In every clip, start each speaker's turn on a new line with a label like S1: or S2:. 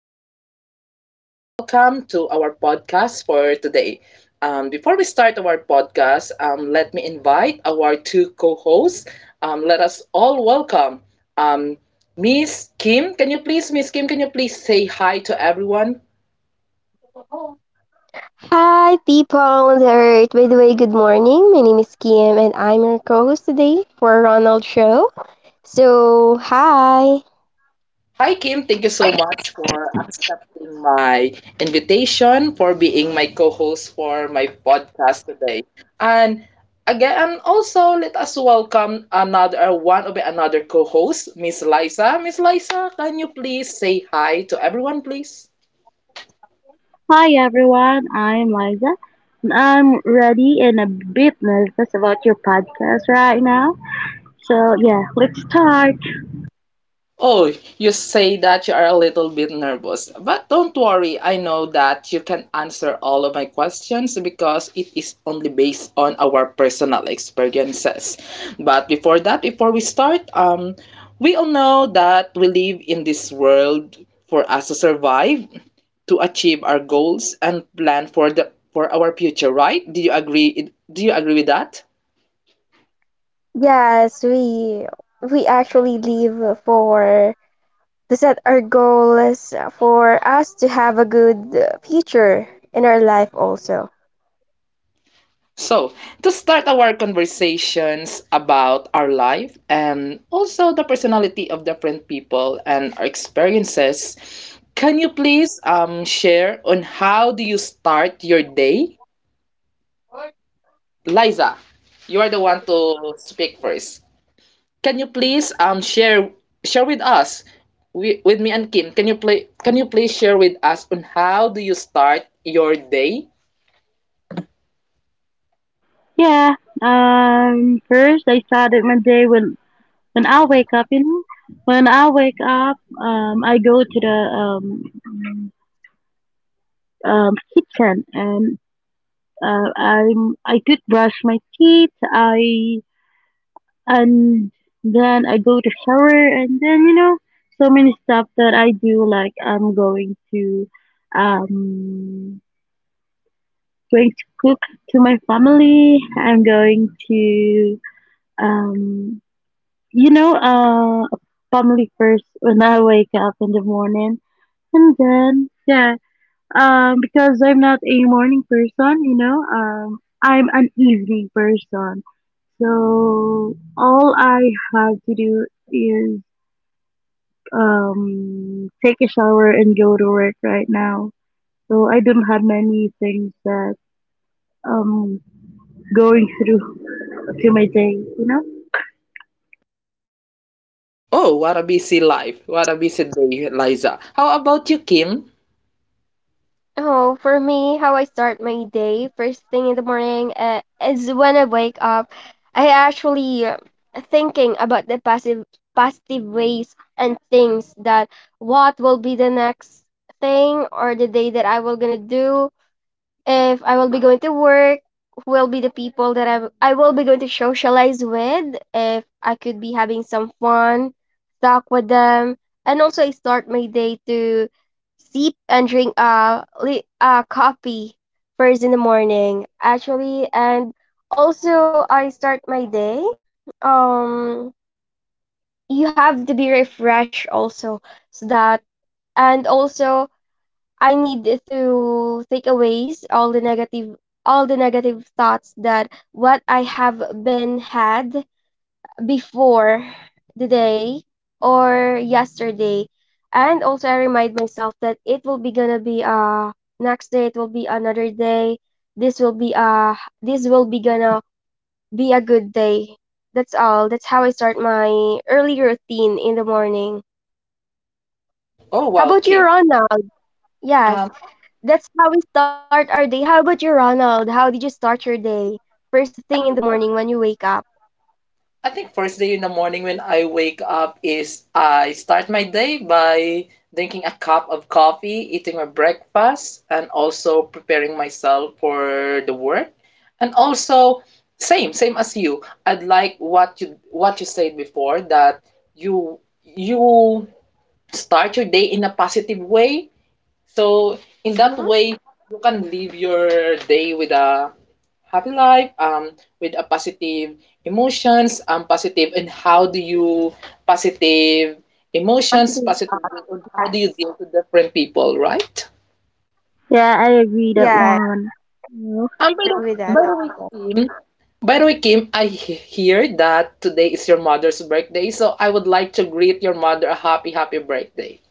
S1: name is Ron and welcome to our podcast for today. Before we start our podcast, let me invite our two co-hosts. Let us all welcome um, Miss Kim. Can you please, Miss Kim, can you please say hi to everyone?
S2: Hi, people on the earth. By the way, good morning. My name is Kim, and I'm your co-host today for Ronald Show. So, hi.
S1: Hi Kim, thank you so much for accepting my invitation, for being my co-host for my podcast today. And again, also let us welcome another one of another co-host, Miss Liza. Miss Liza, can you please say hi to everyone, please?
S3: Hi everyone, I'm Liza. And I'm ready and a bit nervous about your podcast right now. So yeah, let's start.
S1: Oh, you say that you are a little bit nervous, but don't worry. I know that you can answer all of my questions because it is only based on our personal experiences. But before that, before we start, we all know that we live in this world for us to survive, to achieve our goals and plan for the for our future, right? Do you agree? Do you agree with that?
S2: Yes, we actually live for to set our goals for us to have a good future in our life also.
S1: So, to start our conversations about our life and also the personality of different people and our experiences, can you please share on how do you start your day? Liza, you are the one to speak first. Can you please share share with us with me and Kim? Can you please share with us on how do you start your day?
S3: Yeah, First I started my day when I wake up. You know, when I wake up, I go to the kitchen and I toothbrush my teeth. I and Then I go to shower, and then, you know, so many stuff that I do, like I'm going to, um going to cook to my family. I'm going to, um you know uh family first when I wake up in the morning. And then yeah Because I'm not a morning person, you know, I'm an evening person, so all I have to do is take a shower and go to work right now. So I don't have many things that um going through to my day, you know.
S1: Oh, what a busy life. What a busy day, Liza. How about you, Kim?
S2: Oh, for me, how I start my day first thing in the morning is when I wake up. I actually thinking about the positive ways and things that what will be the next thing or the day that I will gonna do if I will be going to work, who will be the people that I will be going to socialize with, if I could be having some fun, talk with them, and also I start my day to sip and drink coffee first in the morning actually, and also I start my day, um you have to be refreshed also, so that and also I need to take away all the negative thoughts that what I have been had before the day or yesterday. And also I remind myself that it will be gonna be next day, it will be another day. This will be uh this will be gonna be a good day. That's all. That's how I start my early routine in the morning.
S1: Oh,
S2: How
S1: wow,
S2: about you,
S1: Kim.
S2: Rona? Yes.
S1: Um,
S2: That's how we start our day. How about you, Ronald? How did you start your day? First thing in the morning when you wake up.
S1: I think first day in the morning when I wake up is I start my day by drinking a cup of coffee, eating my breakfast, and also preparing myself for the work. And also, same as you. I'd like what you said before that you you start your day in a positive way. So in that
S2: Mm-hmm.
S1: way, you can live your day with a happy life, with a positive emotions, positive. And how do you Positive emotions, positive? And how
S2: Yes.
S1: do you deal to different people, right?
S3: Yeah, I agree that
S2: Yeah,
S3: one. Well,
S1: Um, by
S2: I agree with
S1: by
S2: that.
S1: the
S2: Also.
S1: way, Kim, I hear that today is your mother's birthday, so I would like to greet your mother a happy, happy birthday.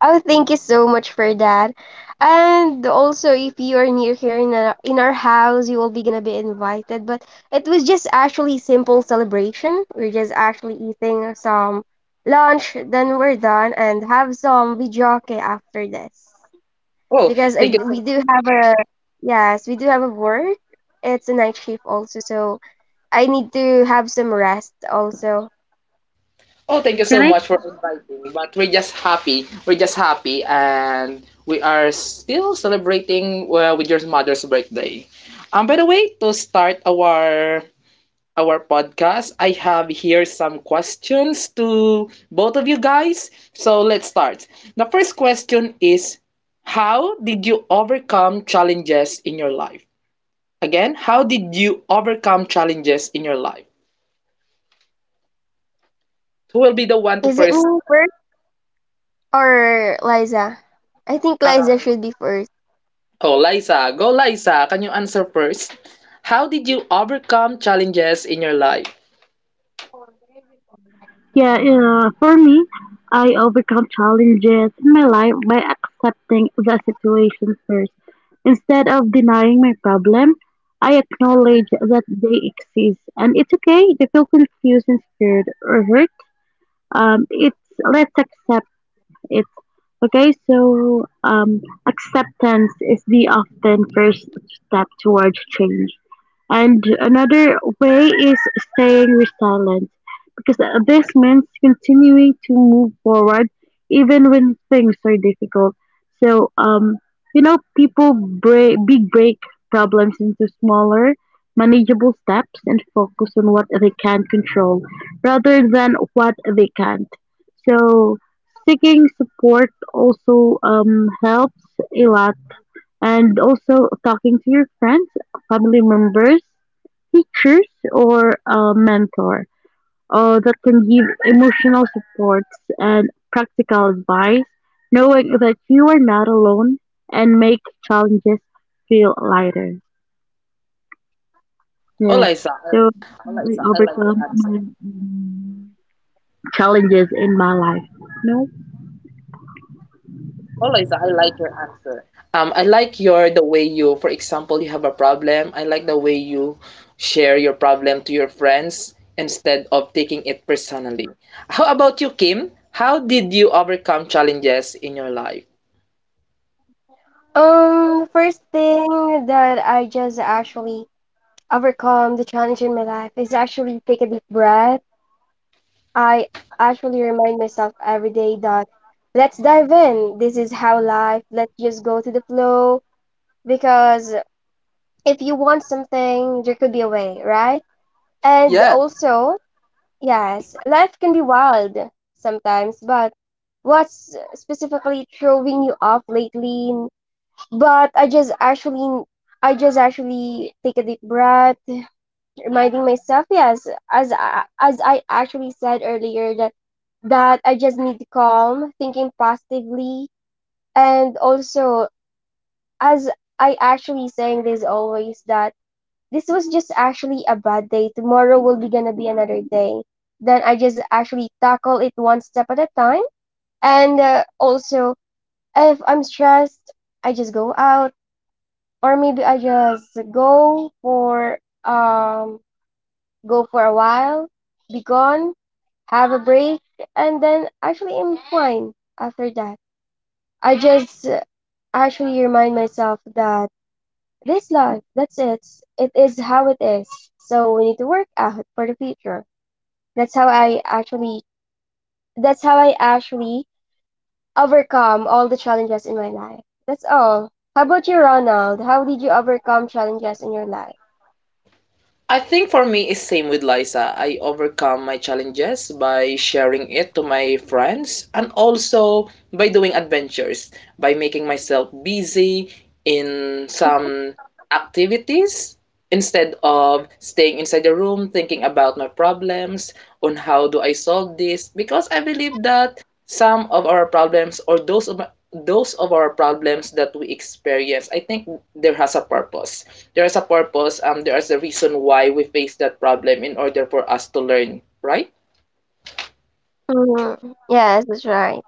S2: Oh, thank you so much for that. And also, if you are near here in in our house, you will be gonna be invited. But it was just actually simple celebration. We're just actually eating some lunch, then we're done, and have some videoke after this.
S1: Oh,
S2: Because I
S1: thank you so
S2: we do have a Yes, we do have a work. It's a night shift also, so I need to have some rest also.
S1: Oh, thank you so
S3: can I?
S1: much for inviting me. But we're just happy. We're just happy, and we are still celebrating well with your mother's birthday. By the way, to start our podcast, I have here some questions to both of you guys. So let's start. The first question is, how did you overcome challenges in your life? Again, how did you overcome challenges in your life? Who will be the one to
S2: Is it
S1: first?
S2: me first or Liza? I think
S1: uh,
S2: Liza should be first.
S1: Oh, Liza, go Liza. Can you answer first? How did you overcome challenges in your life?
S3: Yeah, for me, I overcome challenges in my life by accepting the situation first. Instead of denying my problem, I acknowledge that they exist and it's okay to feel confused and scared or hurt. Um, it's let's accept It's okay. So, acceptance is the often first step towards change. And another way is staying resilient, because this means continuing to move forward even when things are difficult. So, people break problems into smaller, manageable steps and focus on what they can control rather than what they can't. So, seeking support also, helps a lot, and also talking to your friends, family members, teachers, or a mentor that can give emotional supports and practical advice, knowing that you are not alone and make challenges feel lighter.
S1: Oh,
S3: Yeah,
S1: Liza. I-
S3: so
S1: Oh,
S3: we
S1: Liza, I like.
S3: overcome my challenges in my life. No.
S1: Oh, Liza, I like your answer. I like your the way you, for example, you have a problem. I like the way you share your problem to your friends instead of taking it personally. How about you, Kim? How did you overcome challenges in your life?
S2: First thing that I just actually overcome the challenge in my life is actually take a deep breath. I actually remind myself every day that let's dive in. This is how life. Let's just go to the flow, because if you want something, there could be a way, right? And
S1: Yes.
S2: also, yes, life can be wild sometimes, but what's specifically throwing you off lately? But I just actually take a deep breath, reminding myself, yes, as I actually said earlier, that that I just need calm, thinking positively, and also as I actually saying this always that this was just actually a bad day. Tomorrow will be gonna be another day. Then I just actually tackle it one step at a time. And also, if I'm stressed, I just go out, or maybe I just go for go for a while, be gone, have a break, and then actually I'm fine after that. I just actually remind myself that this life. That's it. It is how it is. So we need to work out for the future. That's how I actually that's how I actually overcome all the challenges in my life. That's all. How about you, Ronald? How did you overcome challenges in your life?
S1: I think for me it's same with Liza. I overcome my challenges by sharing it to my friends and also by doing adventures, by making myself busy in some activities instead of staying inside the room thinking about my problems on how do I solve this, because I believe that some of our problems or those of our problems that we experience, I think there has a purpose. There is a purpose, there is a reason why we face that problem in order for us to learn, right?
S2: Mm-hmm. Yes, that's right.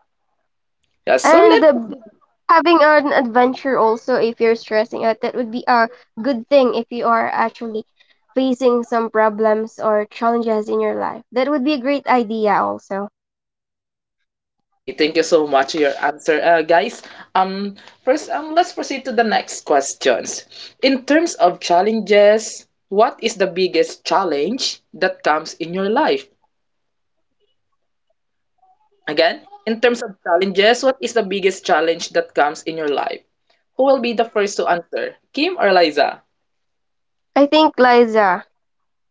S1: yeah so
S2: And
S1: let
S2: having an adventure also, if you're stressing out, that would be a good thing if you are actually facing some problems or challenges in your life. That would be a great idea also.
S1: Okay, thank you so much for your answer, guys. Um first um let's proceed to the next questions. In terms of challenges, what is the biggest challenge that comes in your life? Again, in terms of challenges, what is the biggest challenge that comes in your life? Who will be the first to answer? Kim or Liza?
S2: I think Liza.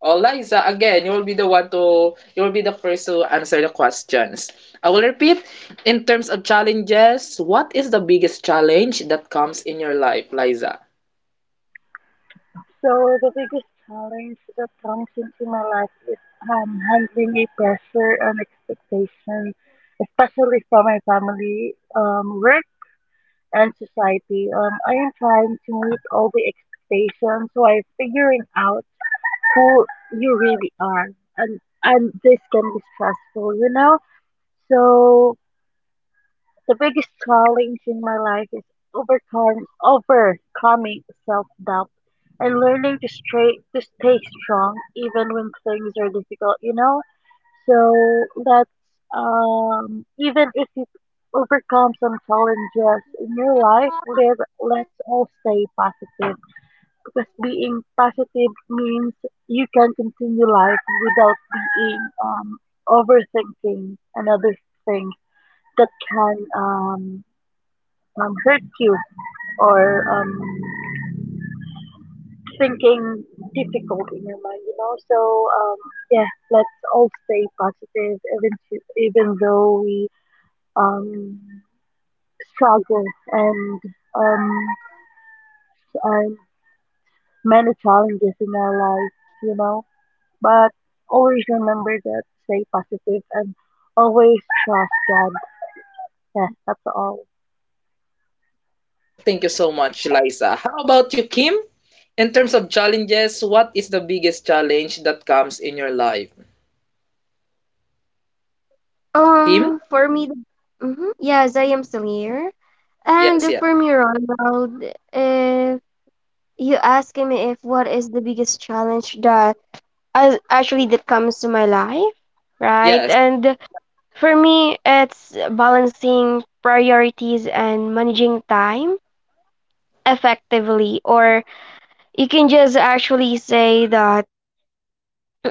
S1: Oh, Liza, again, you will be the one to, you will be the first to answer the questions. I will repeat, in terms of challenges, what is the biggest challenge that comes in your life, Liza?
S3: So the biggest challenge that comes into my life is, handling a pressure and expectation, especially from my family, work, and society. I am trying to meet all the expectations while figuring out who you really are, and and this can be stressful, you know. So the biggest challenge in my life is overcoming self-doubt and learning to stay strong even when things are difficult, you know? So that's, even if you overcome some challenges in your life, let's all stay positive. Because being positive means you can continue life without being, overthinking. But always remember that stay positive and always trust God. Yeah, that's all.
S1: Thank you so much, Liza. How about you, Kim? In terms of challenges, what is the biggest challenge that comes in your life? Kim?
S2: For me, mm-hmm, yes, I am still here.
S1: Yes,
S2: And
S1: yeah.
S2: for me, Ronald, if you ask me if what is the biggest challenge that as actually that comes to my life, right?
S1: Yes.
S2: And for me, it's balancing priorities and managing time effectively, or you can just actually say that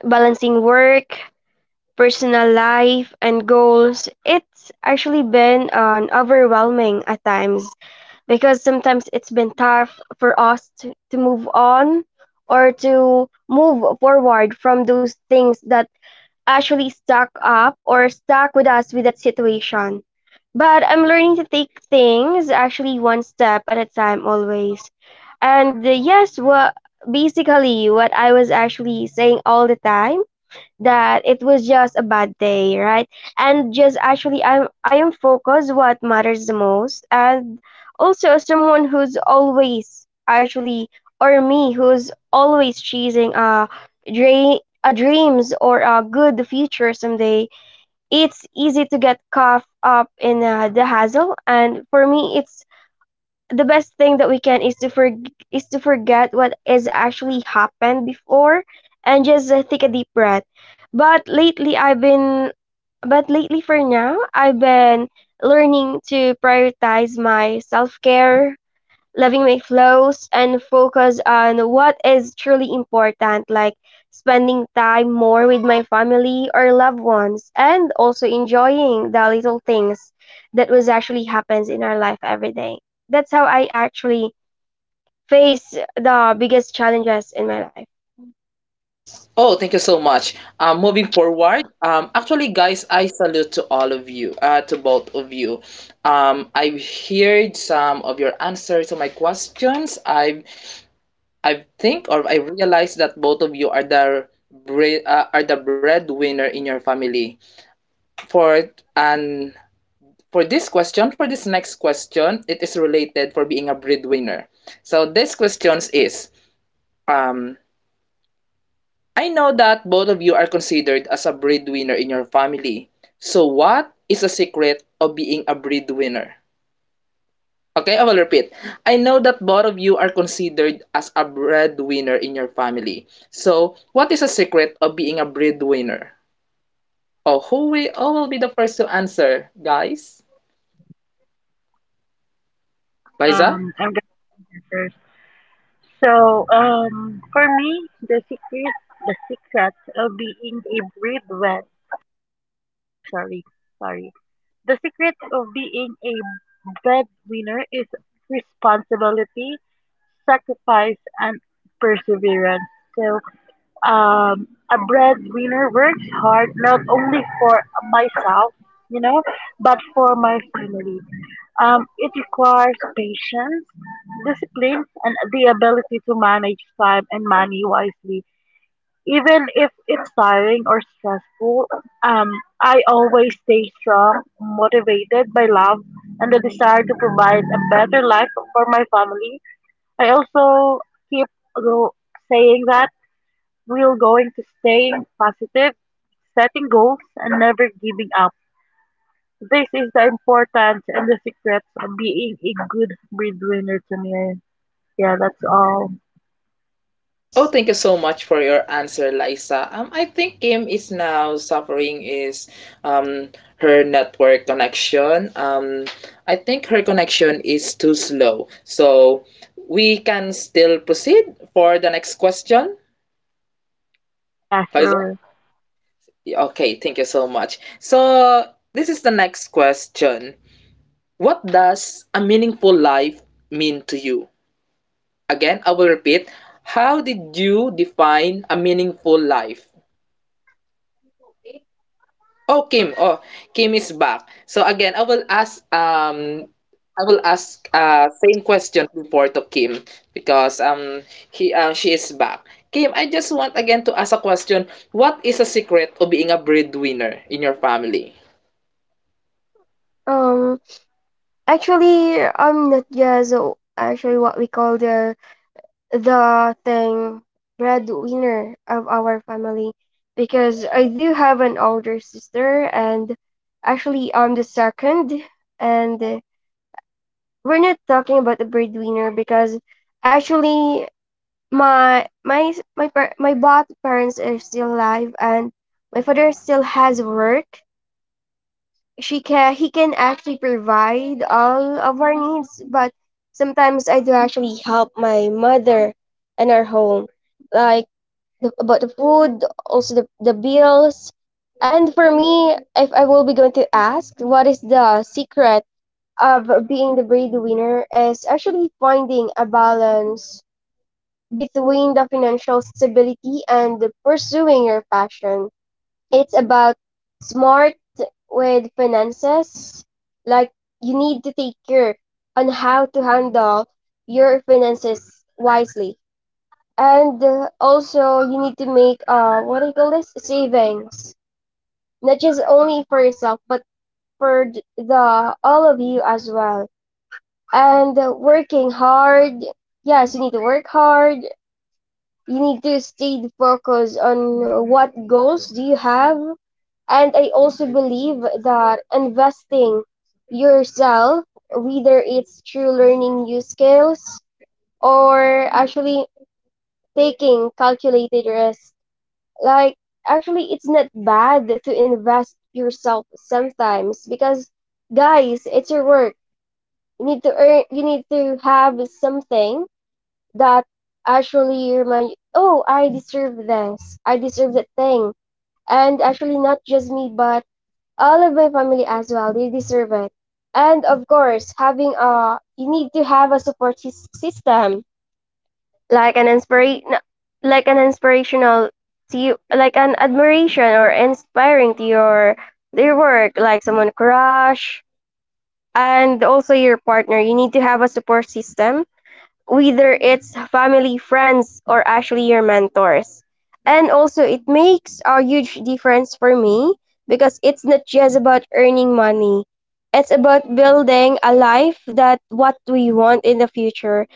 S2: balancing work, personal life and goals, it's actually been overwhelming at times because sometimes it's been tough for us to move on or to move forward from those things that actually stuck up or stuck with us with that situation. But I'm learning to take things actually one step at a time always. And yes, what basically what I was actually saying all the time, that it was just a bad day, right? And just actually I am focused what matters the most, and also someone who's always actually or me who's always chasing a dreams or a good future someday, it's easy to get caught up in the hassle, and for me it's the best thing that we can is is to forget what has actually happened before and just take a deep breath. but lately i've been but lately for now I've been learning to prioritize my self-care, living my flows and focus on what is truly important, like spending time more with my family or loved ones, and also enjoying the little things that was actually happens in our life every day. That's how I actually face the biggest challenges in my life.
S1: Oh, thank you so much. Moving forward, actually, guys, I salute to all of you, to both of you. I've heard some of your answers to my questions. I think, or I realize that both of you are are the breadwinner in your family. For and for this question, for this next question, it is related for being a breadwinner. So this question is, um, I know that both of you are considered as a breadwinner in your family. So what is the secret of being a breadwinner? Okay, I will repeat. I know that both of you are considered as a breadwinner in your family. So what is the secret of being a breadwinner? Who will be the first to answer, guys? Liza?
S3: So, for me, the secret of being a breadwinner, sorry, sorry, the secret of being a breadwinner is responsibility, sacrifice, and perseverance. So, um, a breadwinner works hard not only for myself, you know, but for my family. It requires patience, discipline, and the ability to manage time and money wisely. Even if it's tiring or stressful, um, I always stay strong, motivated by love and the desire to provide a better life for my family. I also keep go- saying that we're going to stay positive, setting goals, and never giving up. This is the importance and the secrets of being a good breadwinner to me. Yeah, that's all.
S1: Oh, thank you so much for your answer, Liza. I think Kim is now suffering is um her network connection. I think her connection is too slow. So we can still proceed for the next question.
S3: Yeah,
S1: Liza?
S3: sure.
S1: Yeah, okay, thank you so much. So this is the next question. What does a meaningful life mean to you? Again, I will repeat. How did you define a meaningful life? Oh, Kim. Oh, Kim is back. So again, I will ask same question before to Kim because he she is back. Kim, I just want again to ask a question. What is a secret of being a breadwinner in your family?
S2: Um, Actually, I'm not just actually what we call the thing breadwinner of our family, because I do have an older sister, and actually I'm the second. And we're not talking about the breadwinner because actually my my my both parents are still alive, and my father still has work. She can He can actually provide all of our needs, but sometimes I do actually help my mother in our home, like the, about the food, also the bills. And for me, if I will be going to ask what is the secret of being the breadwinner, is actually finding a balance between the financial stability and pursuing your passion. It's about smart with finances. Like, you need to take care on how to handle your finances wisely. And also you need to make what do you call this? Savings. Not just only for yourself, but for the all of you as well. And working hard. Yes, you need to work hard. You need to stay focused on what goals do you have. And I also believe that investing yourself, whether it's through learning new skills or actually taking calculated risk, like, actually it's not bad to invest yourself sometimes because, guys, it's your work. You need to earn, you need to have something that actually remind, oh, I deserve this. I deserve that thing. And actually not just me, but all of my family as well. They deserve it. And of course, having a, you need to have a support system, like an like an inspirational to you, like an admiration or inspiring to your their work, like someone crush, and also your partner. You need to have a support system, whether it's family, friends, or actually your mentors. And also, it makes a huge difference for me because it's not just about earning money. It's about building a life that what we want in the future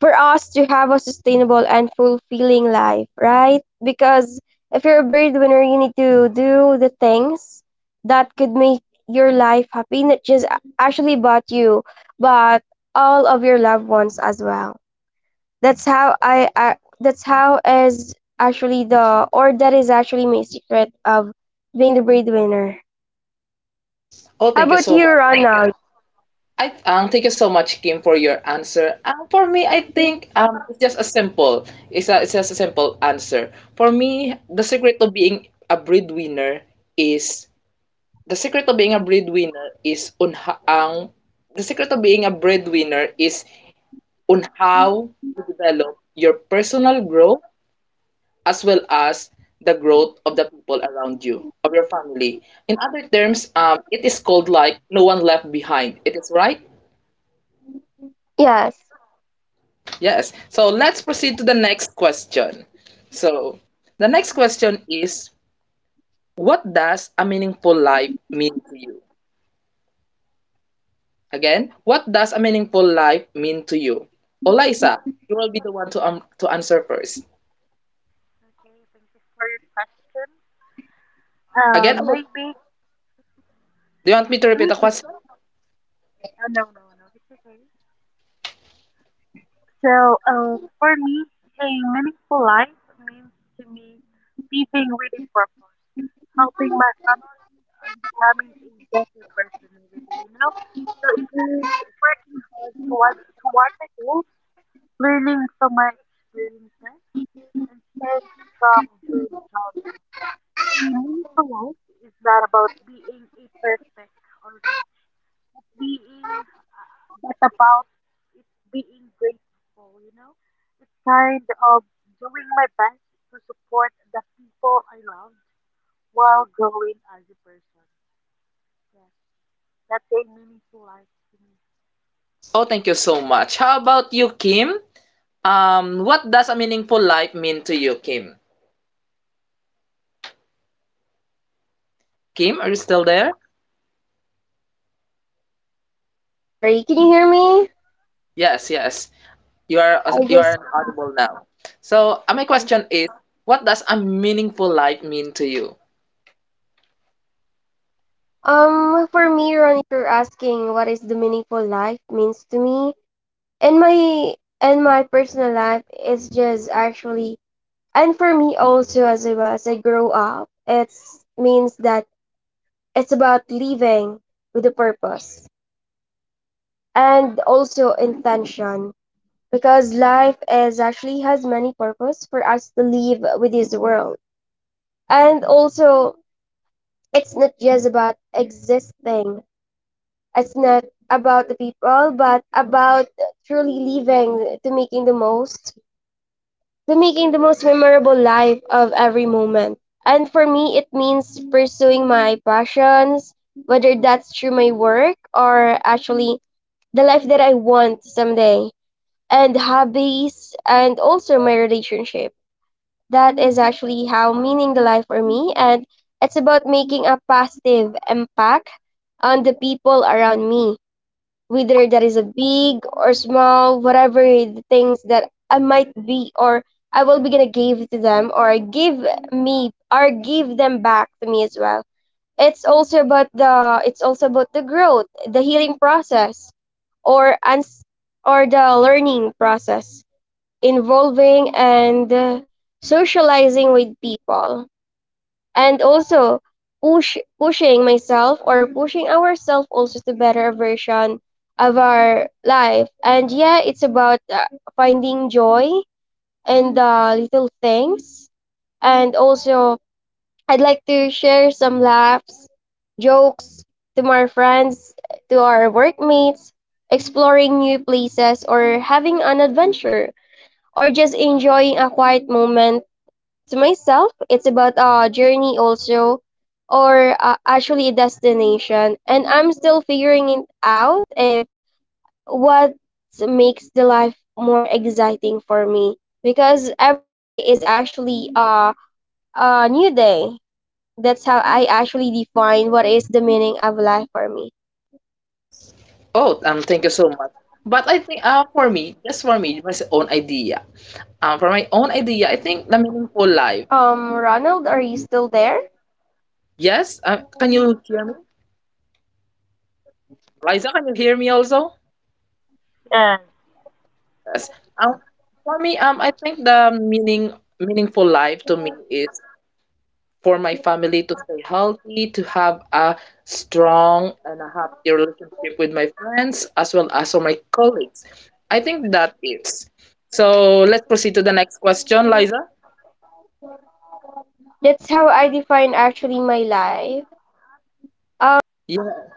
S2: for us to have a sustainable and fulfilling life, right? Because if you're a breadwinner, you need to do the things that could make your life happy, not just actually about you, but all of your loved ones as well. That's how is actually the, or that is actually my secret of being the breadwinner.
S1: Oh,
S2: How
S1: thank you
S2: about
S1: so
S2: you,
S1: much.
S2: Ronald?
S1: I Thank you so much, Kim, for your answer. For me, I think it's just a simple. It's just a simple answer. For me, the secret of being a breadwinner is the secret of being a breadwinner is on ho- ang the secret of being a breadwinner is on how to develop your personal growth as well as the growth of the people around you, of your family. In other terms, it is called like no one left behind, it is right.
S2: Yes.
S1: Yes, so let's proceed to the next question. So the next question is, what does a meaningful life mean to you? Again, what does a meaningful life mean to you? Olaisa, you will be the one to answer first.
S3: For your question,
S1: Do
S3: maybe
S1: you want me to repeat the question? Oh, thank you so much. How about you, Kim? What does a meaningful life mean to you, Kim? Kim, are you still there?
S2: So sorry. Can you hear me?
S1: Yes, yes.
S2: I
S1: You are
S2: just
S1: audible now. So, my question is, what does a meaningful life mean to you?
S2: Um, for me, Ron, if you're asking what is the meaningful life means to me, and my and my personal life is just actually, and for me also, as I grow up, it means that it's about living with a purpose, and also intention, because life is actually has many purpose for us to live with this world. And also, it's not just about existing, it's not about the people but about truly living, to making the most memorable life of every moment. And for me, it means pursuing my passions, whether that's through my work or actually the life that I want someday, and hobbies, and also my relationship. That is actually how meaning the life for me. And it's about making a positive impact on the people around me, whether that is a big or small, whatever the things that I might be or I will be gonna give to them, or give me or give them back to me as well. It's also about the growth, the healing process or ans- or the learning process, involving and socializing with people, and also pushing myself or pushing ourselves also to better version of our life. And yeah, it's about finding joy in the little things, and also I'd like to share some laughs, jokes, to my friends, to our workmates, exploring new places or having an adventure, or just enjoying a quiet moment to myself. It's about a journey also, or actually a destination. And I'm still figuring it out if what makes the life more exciting for me, because every day is actually a new day. That's how I
S1: Oh, Thank you so much. But I think for me, just for me, my own idea. For my own idea, I think the meaningful life. Yes, can you hear me? Liza, can you hear me also? Yes. Um, for me, I think the meaning meaningful life to me is for my family to stay healthy, to have a strong and a happy relationship with my friends as well as for my colleagues. I think that is. So let's proceed to the next question, Liza. Yes.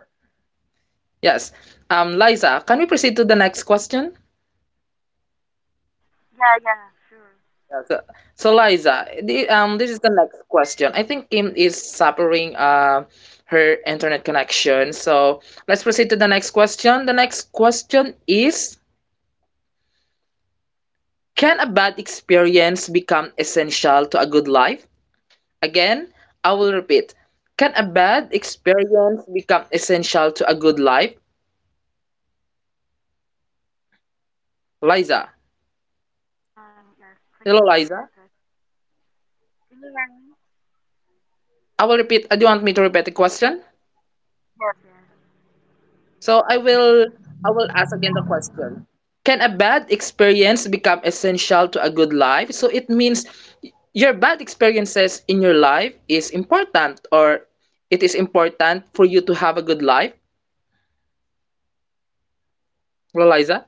S1: Yes. Liza, can we proceed to the next question? Yeah, so, so Liza, this is the next question. I think Kim is suffering her internet connection. So let's proceed to the next question. The next question is, can a bad experience become essential to a good life? Again, I will repeat, can a bad experience become essential to a good life? Liza. Hello, Liza. I will repeat. Do you want me to repeat the question? So I will I will ask again the question. Can a bad experience become essential to a good life? So it means your bad experiences in your life is important, or it is important for you to have a good life, Liza?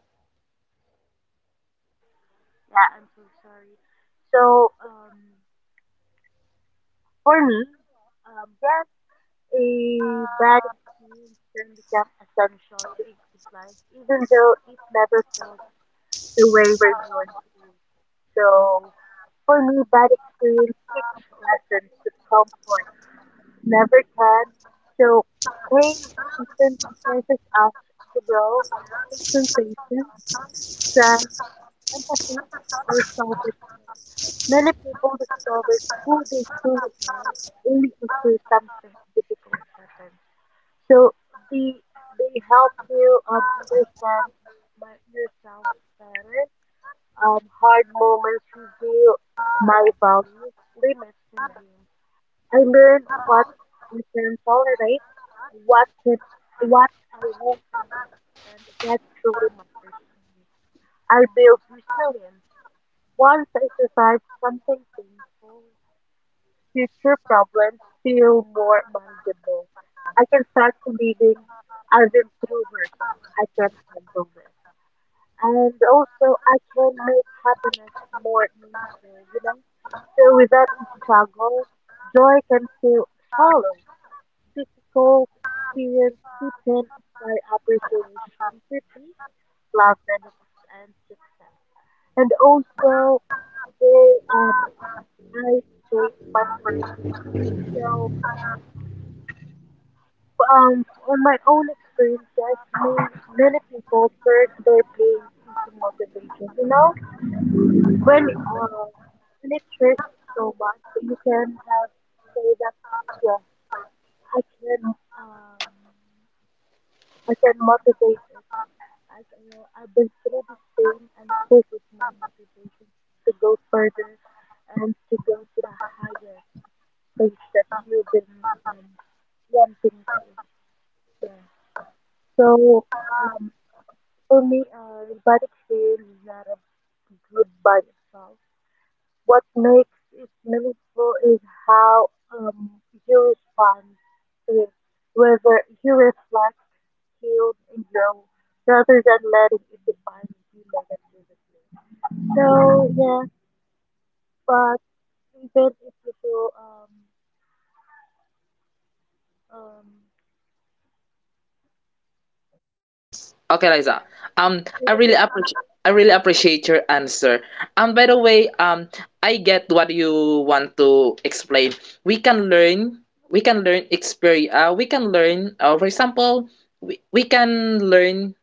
S1: Okay, Liza. Um, I really appreciate your answer. And by the way, I get what you want to explain. We can learn. We can learn experience. We can learn. For example, we can learn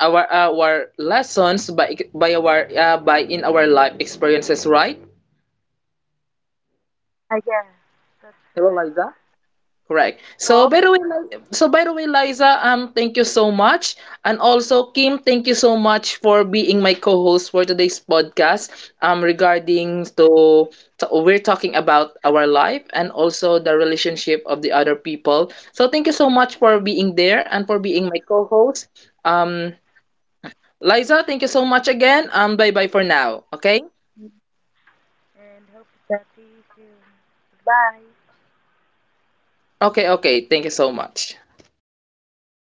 S1: our lessons by our by in our life experiences, right? Hello, Liza. Correct. So by the way, Liza, thank you so much, and also Kim, thank you so much for being my co-host for today's podcast. Regarding to we're talking about our life and also the relationship of the other people. So thank you so much for being there and for being my co-host. Um, Liza, thank you so much again. Bye bye for now. Okay. Okay. Okay. Thank you so much.